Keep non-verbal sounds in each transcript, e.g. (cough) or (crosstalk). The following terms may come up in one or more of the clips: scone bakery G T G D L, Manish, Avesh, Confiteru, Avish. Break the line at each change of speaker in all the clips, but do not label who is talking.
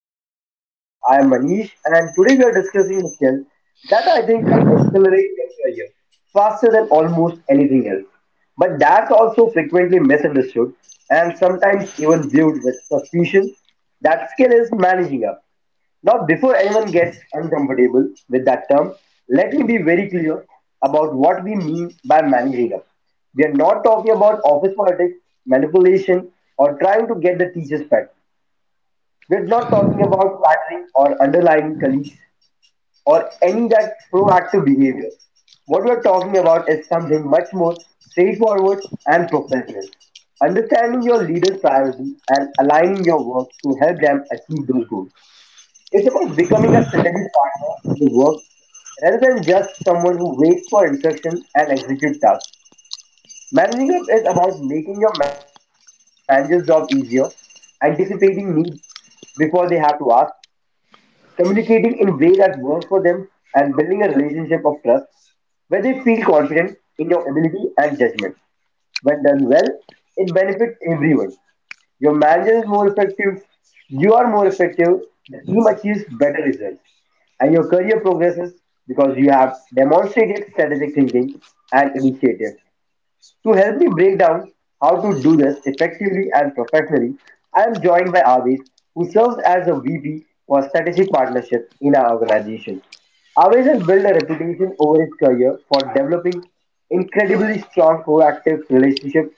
Professional World. I am Manish and today we are discussing a skill that I think can accelerate your career faster than almost anything else. But that's also frequently misunderstood and sometimes even viewed with suspicion. That skill is managing up. Now, before anyone gets uncomfortable with that term, let me be very clear about what we mean by managing up. We are not talking about office politics, manipulation, or trying to get the teacher's pet. We're not talking about flattering or underlying colleagues or any that proactive behavior. What we're talking about is something much more straightforward and professional. Understanding your leader's priority and aligning your work to help them achieve those goals. It's about becoming a strategic partner in the work rather than just someone who waits for instructions and executes tasks. Managing up is about making your manager's job easier, anticipating needs before they have to ask, communicating in a way that works for them and building a relationship of trust where they feel confident in your ability and judgment. When done well, it benefits everyone. Your manager is more effective, you are more effective, the team achieves better results, and your career progresses because you have demonstrated strategic thinking and initiative. To help me break down how to do this effectively and professionally, I am joined by Avish, who serves as a VP for strategic partnership in our organization. Avish has built a reputation over his career for developing incredibly strong proactive relationships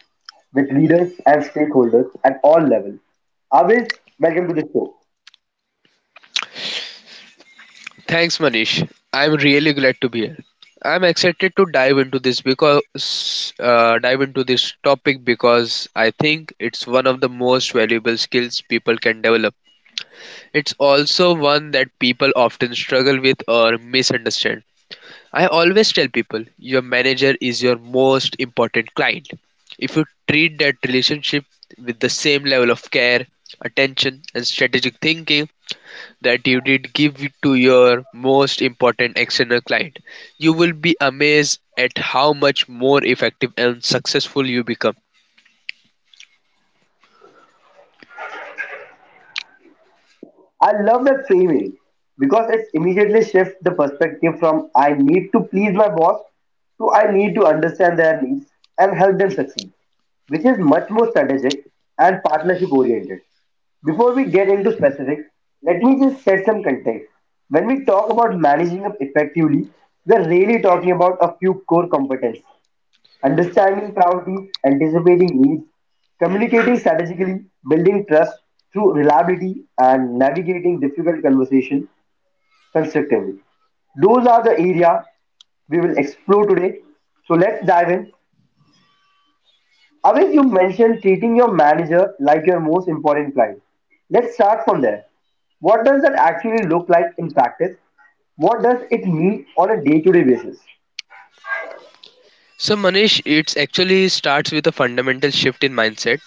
with leaders and stakeholders at all levels. Avish, welcome to the show.
Thanks, Manish. I'm really glad to be here. I'm excited to dive into this topic because I think it's one of the most valuable skills people can develop. It's also one that people often struggle with or misunderstand. I always tell people your manager is your most important client. If you treat that relationship with the same level of care, attention, and strategic thinking that you did give to your most important external client, you will be amazed at how much more effective and successful you become.
I love that framing because it immediately shifts the perspective from I need to please my boss to I need to understand their needs and help them succeed, which is much more strategic and partnership oriented. Before we get into specifics, let me just set some context. When we talk about managing up effectively, we are really talking about a few core competencies understanding priorities, anticipating needs, communicating strategically, building trust through reliability, and navigating difficult conversation constructively. Those are the area we will explore today. So let's dive in. Avis, you mentioned treating your manager like your most important client. Let's start from there. What does that actually look like in practice? What does it mean on a day-to-day basis?
So, Manish, it actually starts with a fundamental shift in mindset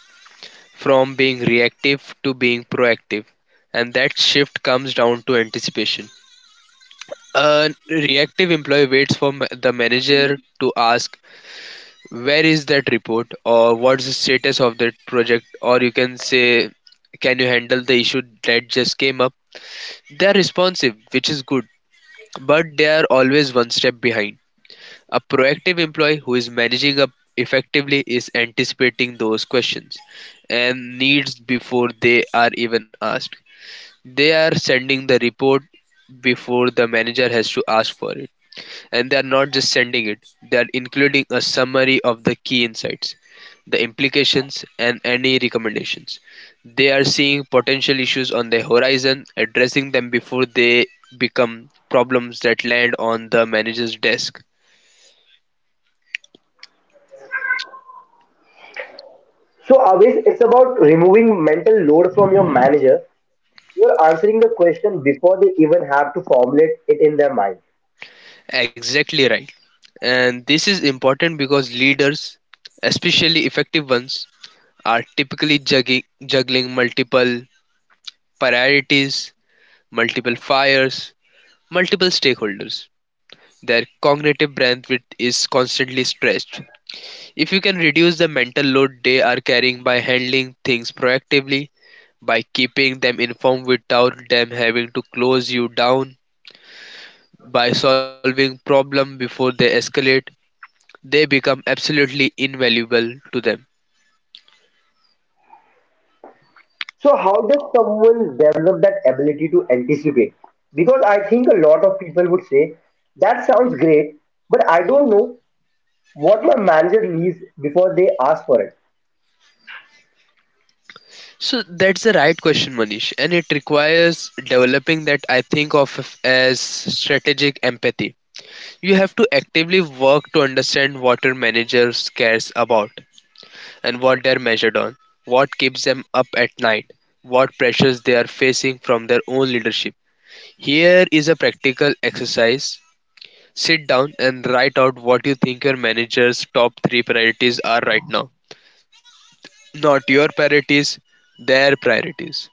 from being reactive to being proactive, and that shift comes down to anticipation. A reactive employee waits for the manager to ask, where is that report, or what's the status of that project, or you can say, can you handle the issue that just came up? They're responsive, which is good, but they are always one step behind. A proactive employee who is managing up effectively is anticipating those questions and needs before they are even asked. They are sending the report before the manager has to ask for it, and they are not just sending it, they are including a summary of the key insights, the implications, and any recommendations. They are seeing potential issues on the horizon, addressing them before they become problems that land on the manager's desk.
So always it's about removing mental load from your manager. You're answering the question before they even have to formulate it in their mind.
Exactly right. And this is important because leaders, especially effective ones, are typically juggling multiple priorities, multiple fires, multiple stakeholders. Their cognitive bandwidth is constantly stretched. If you can reduce the mental load they are carrying by handling things proactively, by keeping them informed without them having to close you down, by solving problems before they escalate, they become absolutely invaluable to them.
So, how does someone develop that ability to anticipate? Because I think a lot of people would say, that sounds great, but I don't know what my manager needs before they ask for it.
So that's the right question, Manish, and it requires developing that I think of as strategic empathy. You have to actively work to understand what your manager cares about and what they're measured on, what keeps them up at night, what pressures they are facing from their own leadership. Here is a practical exercise. Sit down and write out what you think your manager's top three priorities are right now. Not your priorities, their priorities.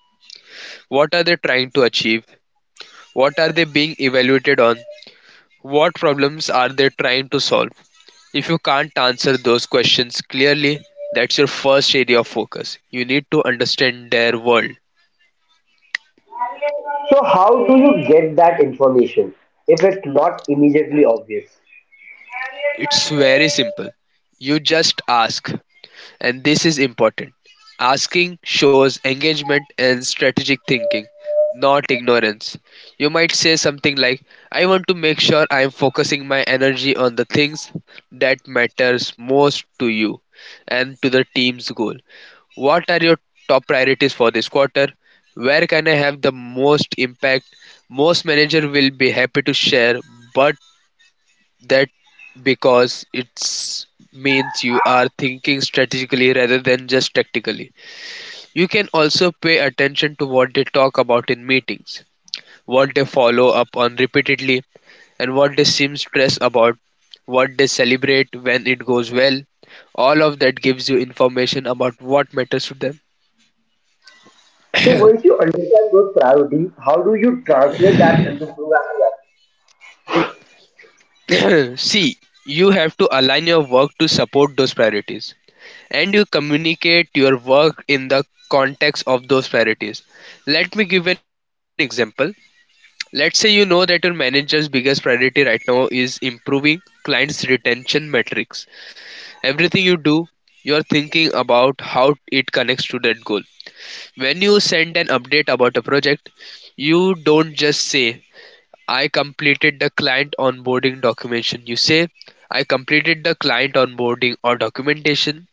What are they trying to achieve? What are they being evaluated on? What problems are they trying to solve? If you can't answer those questions clearly, that's your first area of focus. You need to understand their world.
So, how do you get that information if it's not immediately obvious?
It's very simple. You just ask. And this is important. Asking shows engagement and strategic thinking, not ignorance. You might say something like, I want to make sure I am focusing my energy on the things that matters most to you and to the team's goal. What are your top priorities for this quarter? Where can I have the most impact? Most manager will be happy to share, but that because it's means you are thinking strategically rather than just tactically. You can also pay attention to what they talk about in meetings, what they follow up on repeatedly, and what they seem stressed about, what they celebrate when it goes well. All of that gives you information about what matters to them.
So once you understand those priorities, how do you translate that into proactive?
(clears throat) See, you have to align your work to support those priorities, and you communicate your work in the context of those priorities. Let me give an example. Let's say you know that your manager's biggest priority right now is improving clients' retention metrics. Everything you do, you're thinking about how it connects to that goal. When you send an update about a project, you don't just say, I completed the client onboarding documentation. You say, I completed the client onboarding or documentation,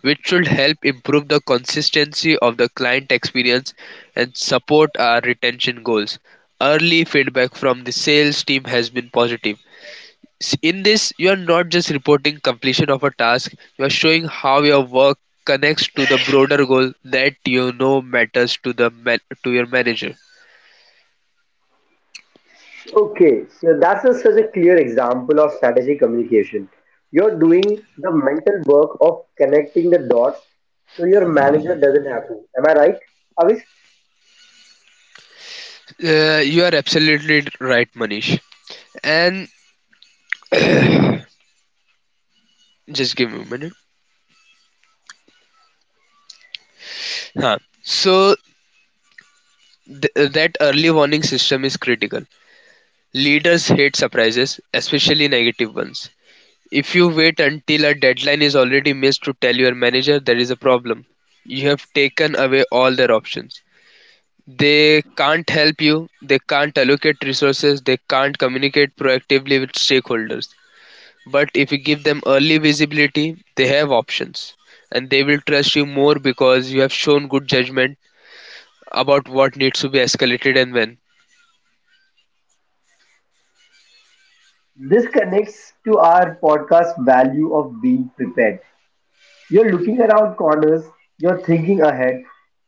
which should help improve the consistency of the client experience and support our retention goals. Early feedback from the sales team has been positive. In this, you are not just reporting completion of a task, you are showing how your work connects to the broader goal that you know matters to to your manager.
Okay, so such a clear example of strategic communication. You're doing the mental work of connecting the dots so your manager doesn't have to. Am I right? Avish,
You are absolutely right, Manish. And (clears throat) just give me a minute. Huh. So that early warning system is critical. Leaders hate surprises, especially negative ones. If you wait until a deadline is already missed to tell your manager there is a problem, you have taken away all their options. They can't help you, they can't allocate resources, they can't communicate proactively with stakeholders. But if you give them early visibility, they have options, and they will trust you more because you have shown good judgment about what needs to be escalated and when.
this connects to our podcast value of being prepared. You're looking around corners, you're thinking ahead,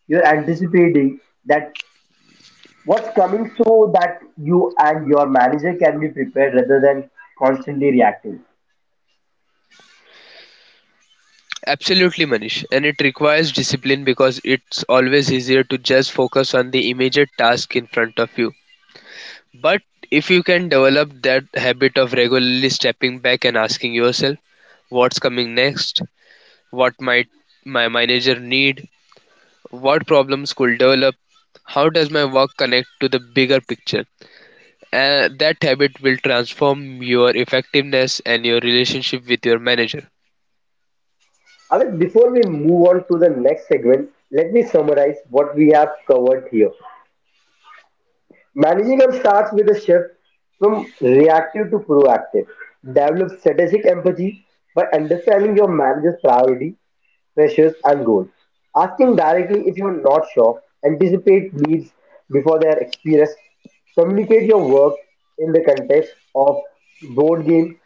you're anticipating that what's coming so that you and your manager can be prepared rather than constantly reacting.
Absolutely, Manish. And it requires discipline because it's always easier to just focus on the immediate task in front of you. But if you can develop that habit of regularly stepping back and asking yourself, what's coming next? What might my manager need? What problems could develop? How does my work connect to the bigger picture? That habit will transform your effectiveness and your relationship with your manager.
Amit, before we move on to the next segment, let me summarize what we have covered here. Managing up starts with a shift from reactive to proactive. Develop strategic empathy by understanding your manager's priority, pressures, and goals. Asking directly if you're not sure, anticipate needs before they are experienced. Communicate your work in the context of board game.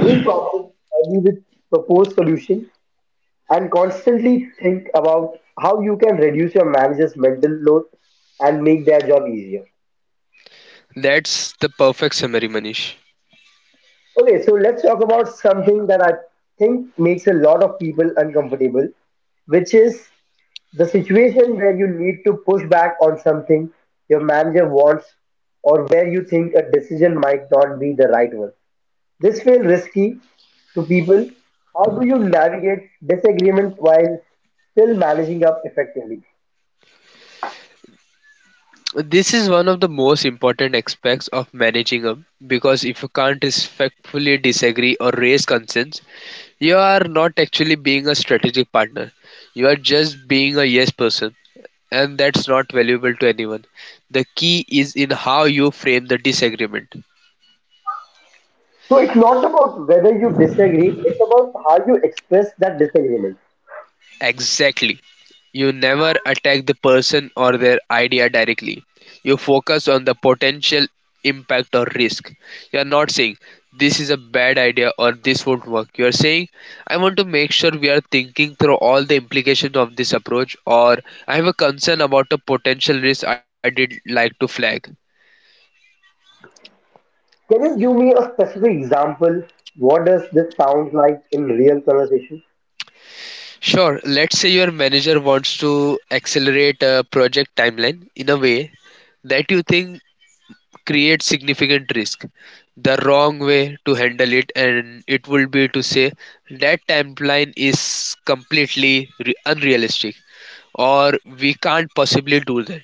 Being proactive early with proposed solution and constantly think about how you can reduce your manager's mental load and make their job easier.
That's the perfect summary, Manish.
Okay, so let's talk about something that I think makes a lot of people uncomfortable, which is the situation where you need to push back on something your manager wants or where you think a decision might not be the right one. This feels risky to people. How do you navigate disagreement while still managing up effectively?
This is one of the most important aspects of managing them, because if you can't respectfully disagree or raise concerns, you are not actually being a strategic partner. You are just being a yes person, and that's not valuable to anyone. The key is in how you frame the disagreement.
So it's not about whether you disagree, it's about how you express that disagreement.
Exactly. You never attack the person or their idea directly. You focus on the potential impact or risk. You are not saying, this is a bad idea, or this won't work. You are saying, I want to make sure we are thinking through all the implications of this approach, or I have a concern about a potential risk I did like to flag.
Can you give me a specific example? What does this sound like in real conversation?
Sure, let's say your manager wants to accelerate a project timeline in a way that you think create significant risk. The wrong way to handle it and it would be to say, that timeline is completely unrealistic, or we can't possibly do that.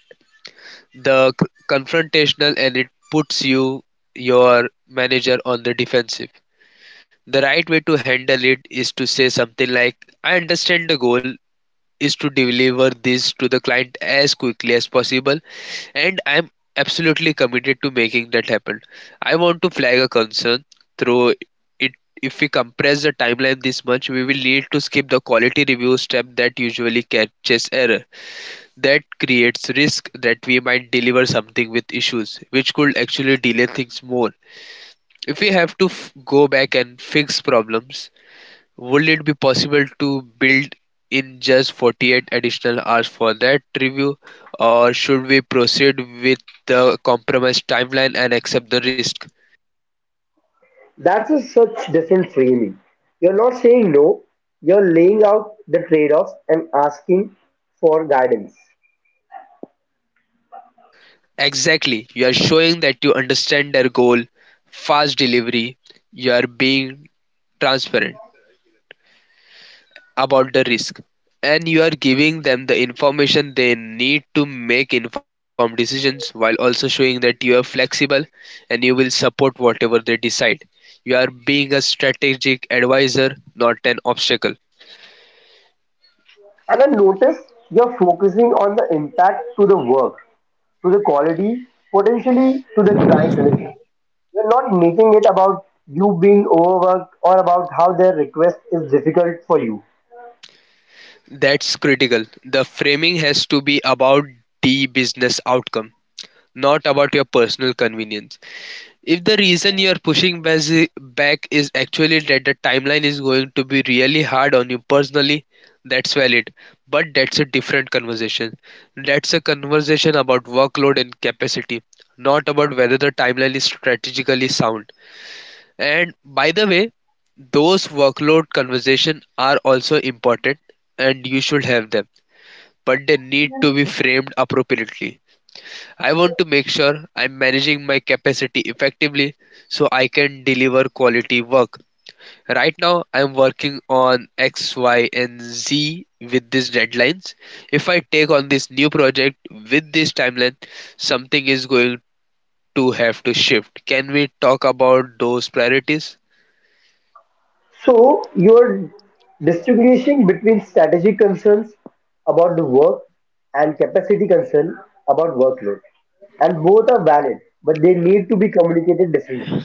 The confrontational, and it puts your manager on the defensive. The right way to handle it is to say something like, I understand the goal is to deliver this to the client as quickly as possible, and I'm absolutely committed to making that happen. I want to flag a concern through it. If we compress the timeline this much, we will need to skip the quality review step that usually catches error. That creates risk that we might deliver something with issues, which could actually delay things more. If we have to go back and fix problems, would it be possible to build in just 48 additional hours for that review, or should we proceed with the compromised timeline and accept the risk?
That's a such different framing. You're not saying no, you're laying out the trade-offs and asking for guidance.
Exactly. You are showing that you understand their goal, fast delivery. You are being transparent about the risk, and you are giving them the information they need to make informed decisions, while also showing that you are flexible and you will support whatever they decide. You are being a strategic advisor, not an obstacle.
And I notice you're focusing on the impact to the work, to the quality, potentially to the client relationship. We're not making it about you being overworked or about how their request is difficult for you.
That's critical. The framing has to be about the business outcome, not about your personal convenience. If the reason you're pushing back is actually that the timeline is going to be really hard on you personally, that's valid. But that's a different conversation. That's a conversation about workload and capacity, not about whether the timeline is strategically sound. And by the way, those workload conversations are also important and you should have them, but they need to be framed appropriately. I want to make sure I'm managing my capacity effectively so I can deliver quality work. Right now, I'm working on X, Y, and Z with these deadlines. If I take on this new project with this timeline, something is going to have to shift. Can we talk about those priorities?
So you're distinguishing between strategic concerns about the work and capacity concern about workload. And both are valid, but they need to be communicated differently.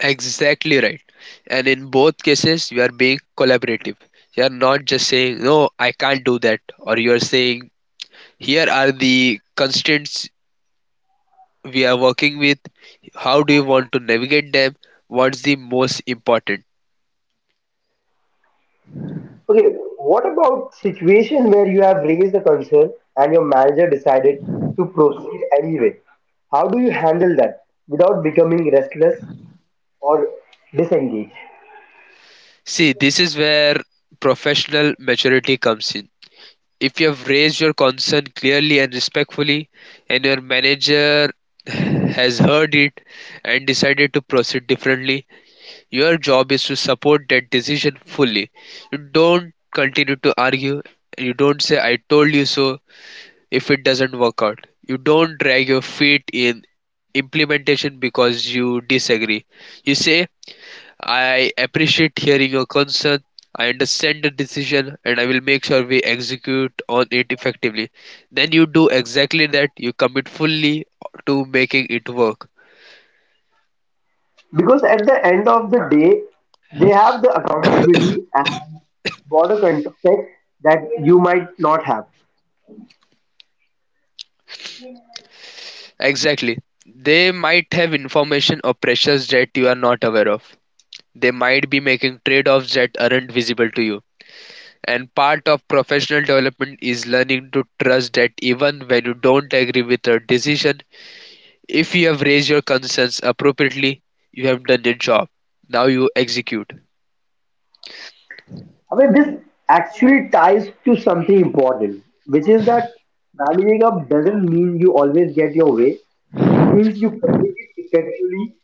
Exactly right. And in both cases, you are being collaborative. You are not just saying, no, I can't do that, or you are saying, here are the constraints we are working with. How do you want to navigate them? What's the most important?
Okay, what about situation where you have raised a concern and your manager decided to proceed anyway? How do you handle that without becoming restless or disengaged?
See, this is where professional maturity comes in. If you have raised your concern clearly and respectfully, and your manager has heard it and decided to proceed differently, your job is to support that decision fully. You don't continue to argue. You don't say, I told you so. If it doesn't work out, you don't drag your feet in implementation because you disagree. You say, I appreciate hearing your concern, I understand the decision, and I will make sure we execute on it effectively. Then you do exactly that. You commit fully to making it work.
Because at the end of the day, they have the accountability and border context that you might not have.
Exactly. They might have information or pressures that you are not aware of. They might be making trade offs that aren't visible to you. And part of professional development is learning to trust that even when you don't agree with a decision, if you have raised your concerns appropriately, you have done your job. Now you execute.
I mean, this actually ties to something important, which is that managing up doesn't mean you always get your way. It means you communicate effectively,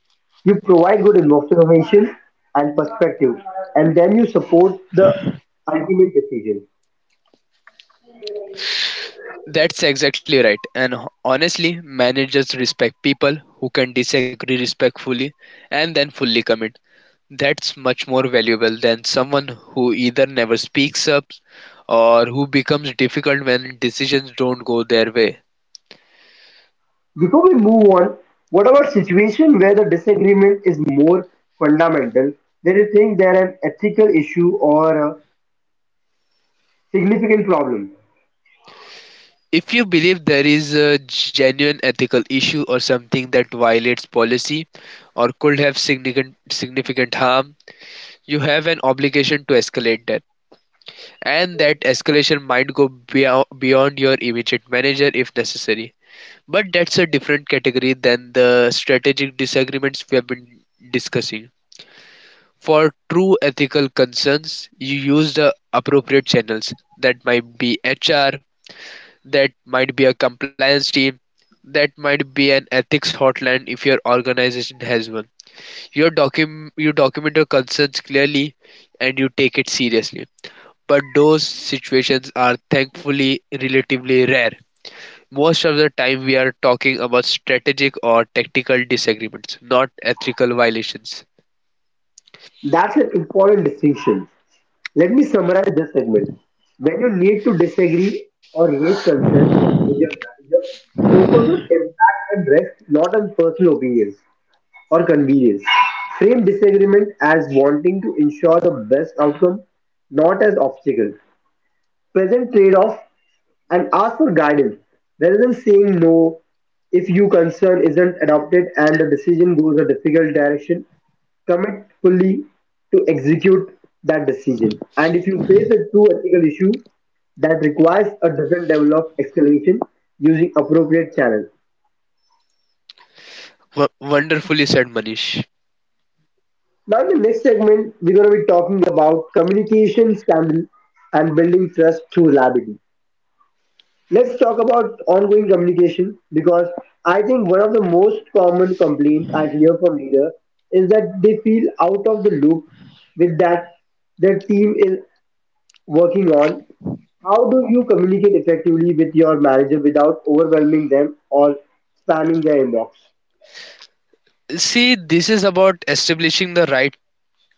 you provide good information and perspective, and then you support the ultimate decision.
That's exactly right. And honestly, managers respect people who can disagree respectfully and then fully commit. That's much more valuable than someone who either never speaks up or who becomes difficult when decisions don't go their way.
Before we move on, what about situation where the disagreement is more fundamental than you think they're an ethical issue or a significant problem?
If you believe there is a genuine ethical issue or something that violates policy or could have significant harm, you have an obligation to escalate that. And that escalation might go beyond your immediate manager if necessary. But that's a different category than the strategic disagreements we have been discussing. For true ethical concerns, you use the appropriate channels. That might be HR. That might be a compliance team. That might be an ethics hotline if your organization has one. You document your concerns clearly and you take it seriously. But those situations are thankfully relatively rare. Most of the time, we are talking about strategic or tactical disagreements, not ethical violations.
That's an important distinction. Let me summarize this segment. When you need to disagree or raise concerns with your manager, focus on impact and risk, not on personal opinions or convenience. Frame disagreement as wanting to ensure the best outcome, not as obstacle. Present trade-off and ask for guidance rather than saying no if your concern isn't adopted and the decision goes a difficult direction commit fully to execute that decision and if you face a true ethical issue that requires a different level of escalation using appropriate channels.
Wonderfully said, Manish.
Now in the next segment we're going to be talking about communication scandal and building trust through reliability. Let's talk about ongoing communication because I think one of the most common complaints I hear from leaders is that they feel out of the loop with that their team is working on. How do you communicate effectively with your manager without overwhelming them or spamming their inbox?
See, this is about establishing the right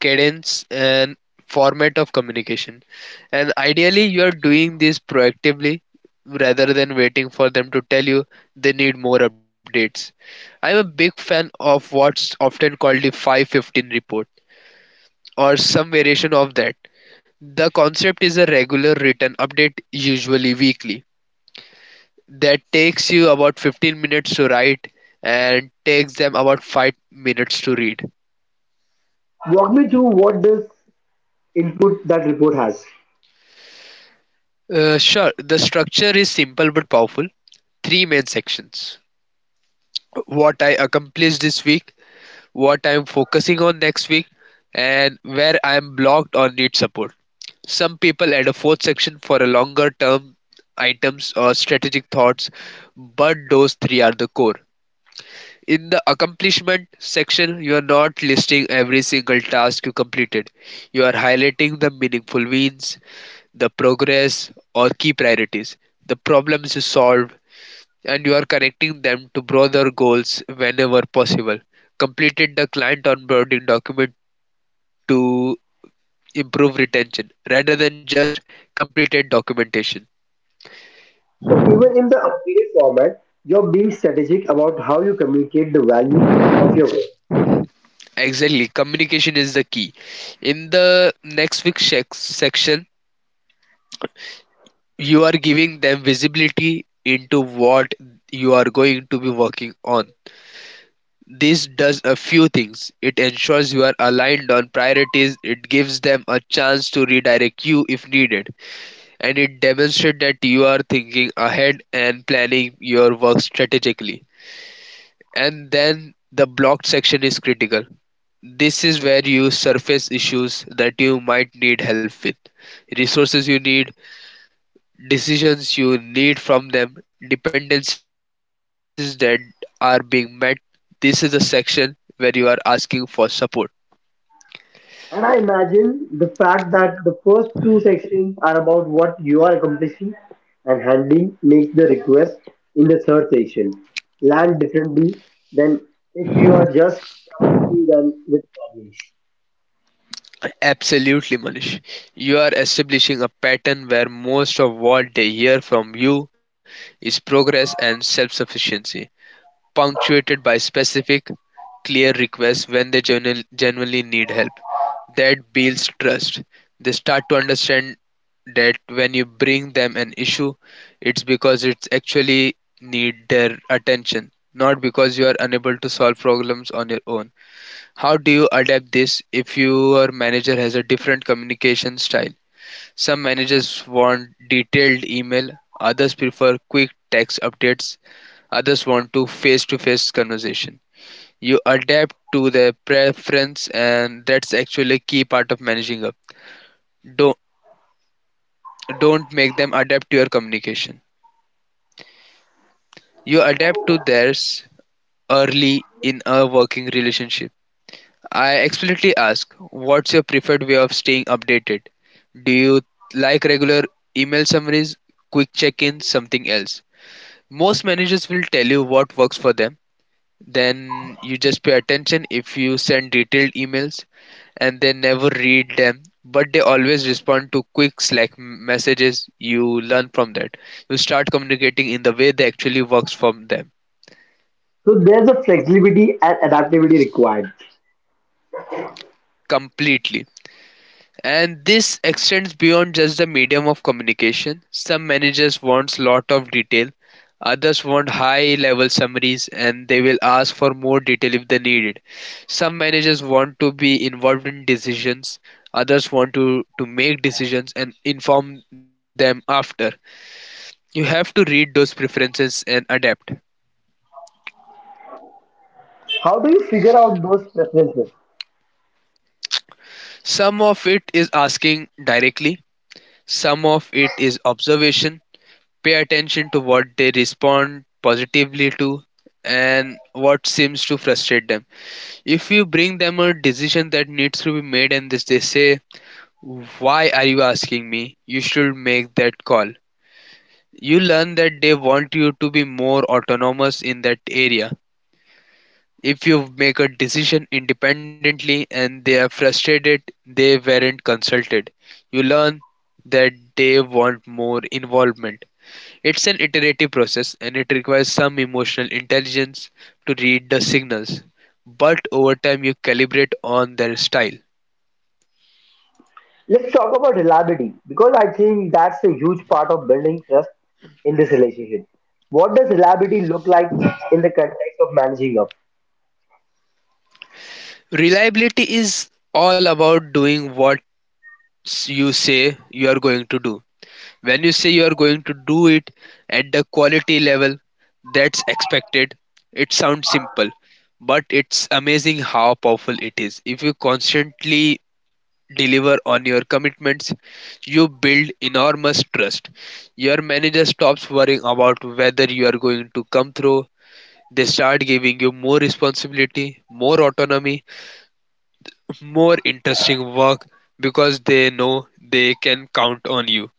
cadence and format of communication. And ideally, you are doing this proactively rather than waiting for them to tell you they need more updates. I'm a big fan of what's often called the 515 report or some variation of that. The concept is a regular written update, usually weekly, that takes you about 15 minutes to write and takes them about 5 minutes to read.
Walk me through what this input that report has.
Sure, the structure is simple but powerful. Three main sections: what I accomplished this week, what I am focusing on next week, and where I am blocked or need support. Some people add a fourth section for a longer term items or strategic thoughts, but those three are the core. In the accomplishment section, you are not listing every single task you completed. You are highlighting the meaningful wins, the progress or key priorities, the problems you solve, and you are connecting them to broader goals whenever possible. Completed the client onboarding document to improve retention rather than just completed documentation.
So even in the updated format, you're being strategic about how you communicate the value of your work.
Exactly, communication is the key. In the next week's section, you are giving them visibility into what you are going to be working on. This does a few things: it ensures you are aligned on priorities, it gives them a chance to redirect you if needed, and it demonstrates that you are thinking ahead and planning your work strategically. And then the blocked section is critical. This is where you surface issues that you might need help with, resources you need, decisions you need from them, dependencies that are being met. This is the section where you are asking for support.
And I imagine the fact that the first two sections are about what you are accomplishing and handling makes the request in the third section land differently than if you are just servicing them with problems.
Absolutely, Manish. You are establishing a pattern where most of what they hear from you is progress and self sufficiency, punctuated by specific, clear requests when they genuinely need help. That builds trust. They start to understand that when you bring them an issue, it's because it's actually need their attention, not because you are unable to solve problems on your own. How do you adapt this if your manager has a different communication style? Some managers want detailed email, others prefer quick text updates, others want to face-to-face conversation. You adapt to their preference and that's actually a key part of managing up. Don't don't make them adapt to your communication. You adapt to theirs early in a working relationship. I explicitly ask, what's your preferred way of staying updated? Do you like regular email summaries, quick check ins, something else? Most managers will tell you what works for them. Then you just pay attention. If you send detailed emails and they never read them, but they always respond to quick Slack messages, you learn from that. You start communicating in the way that actually works for them
So there's a flexibility and adaptability required.
completely. And this extends beyond just the medium of communication. Some managers want lot of detail, others want high level summaries and they will ask for more detail if they need it. Some managers want to be involved in decisions, others want to make decisions and inform them after. You have to read those preferences and adapt.
How do you figure out those preferences?
Some of it is asking directly, some of it is observation, pay attention to what they respond positively to and what seems to frustrate them. If you bring them a decision that needs to be made and this they say, why are you asking me? You should make that call. You learn that they want you to be more autonomous in that area. If you make a decision independently and they are frustrated, they weren't consulted. You learn that they want more involvement. It's an iterative process and it requires some emotional intelligence to read the signals, but over time you calibrate on their style.
Let's talk about reliability because I think that's a huge part of building trust in this relationship. What does reliability look like in the context of managing up?
Reliability is all about doing what you say you are going to do. When you say you are going to do it at the quality level that's expected, it sounds simple, but it's amazing how powerful it is. If you constantly deliver on your commitments, you build enormous trust. Your manager stops worrying about whether you are going to come through. They start giving you more responsibility, more autonomy, more interesting work because they know they can count on you.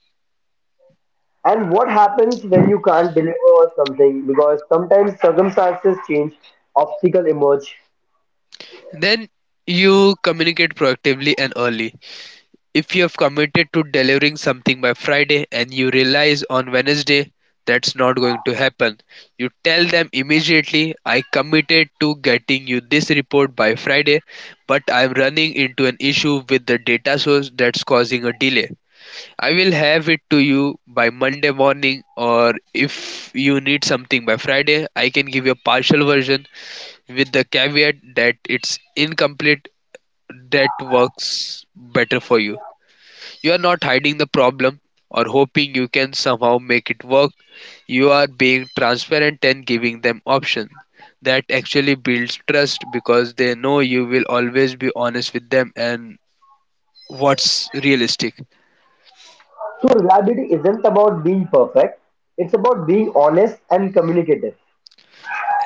And what happens when you can't deliver or something? Because sometimes circumstances change, obstacles emerge.
Then you communicate proactively and early. If you've committed to delivering something by Friday and you realize on Wednesday that's not going to happen, you tell them immediately, I committed to getting you this report by Friday, but I'm running into an issue with the data source that's causing a delay. I will have it to you by Monday morning, or if you need something by Friday, I can give you a partial version with the caveat that it's incomplete that works better for you. You're not hiding the problem or hoping you can somehow make it work. You are being transparent and giving them options. That actually builds trust because they know you will always be honest with them and what's realistic.
So reliability isn't about being perfect, it's about being honest and communicative.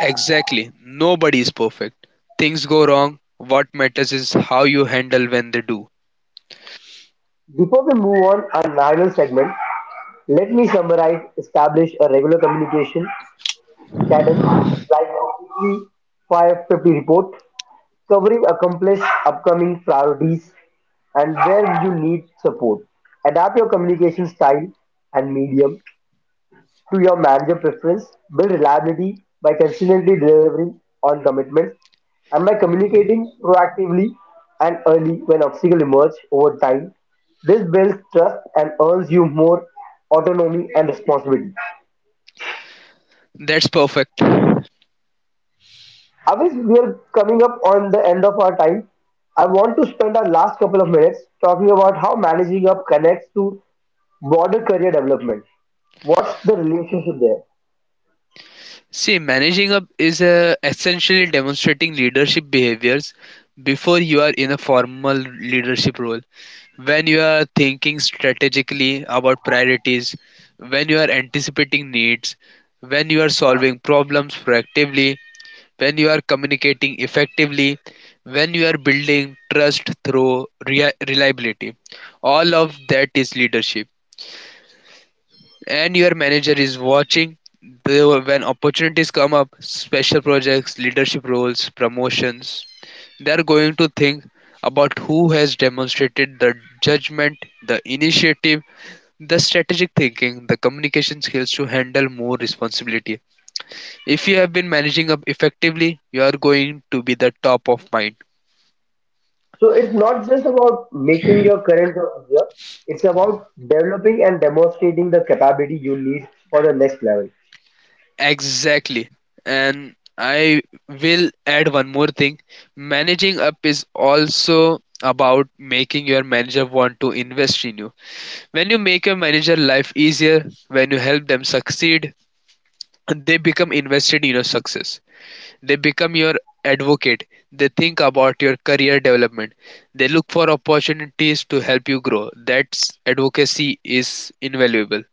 Exactly. Nobody is perfect. Things go wrong. What matters is how you handle when they do.
Before we move on our final segment, let me summarize, establish a regular communication cadence like a weekly 550 report, covering accomplished upcoming priorities and where you need support. Adapt your communication style and medium to your manager preference, build reliability by consistently delivering on commitments, and by communicating proactively and early when obstacles emerge over time. This builds trust and earns you more autonomy and responsibility.
That's perfect.
Avis, we are coming up on the end of our time. I want to spend our last couple of minutes talking about how managing up connects to broader career development. What's the relationship there?
See, managing up is essentially demonstrating leadership behaviors before you are in a formal leadership role. When you are thinking strategically about priorities, when you are anticipating needs, when you are solving problems proactively, when you are communicating effectively, when you are building trust through reliability. All of that is leadership. And your manager is watching. When opportunities come up, special projects, leadership roles, promotions, they are going to think about who has demonstrated the judgment, the initiative, the strategic thinking, the communication skills to handle more responsibility. If you have been managing up effectively, you are going to be the top of mind.
So it's not just about making your current job easier, it's about developing and demonstrating the capability you need for the next level.
Exactly. And I will add one more thing. Managing up is also about making your manager want to invest in you. When you make your manager life easier, when you help them succeed, they become invested in your success. They become your advocate, they think about your career development, they look for opportunities to help you grow. That's advocacy is invaluable.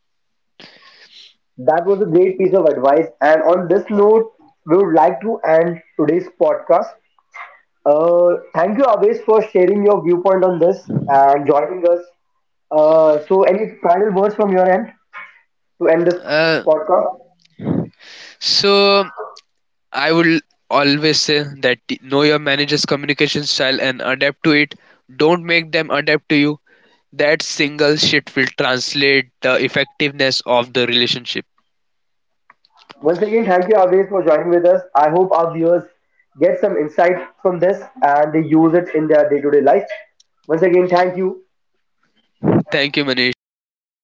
That was a great piece of advice. And on this note, we would like to end today's podcast. Thank you, Aves, for sharing your viewpoint on this and joining us. Any final words from your end to end this
Uh,
podcast?
so I will always say that know your manager's communication style and adapt to it. Don't make them adapt to you. That single shit will translate the effectiveness of the relationship.
Once again, thank you Avesh for joining with us. I hope our viewers get some insight from this and they use it in their day-to-day life. Once again, thank you.
Thank you, Manish. That was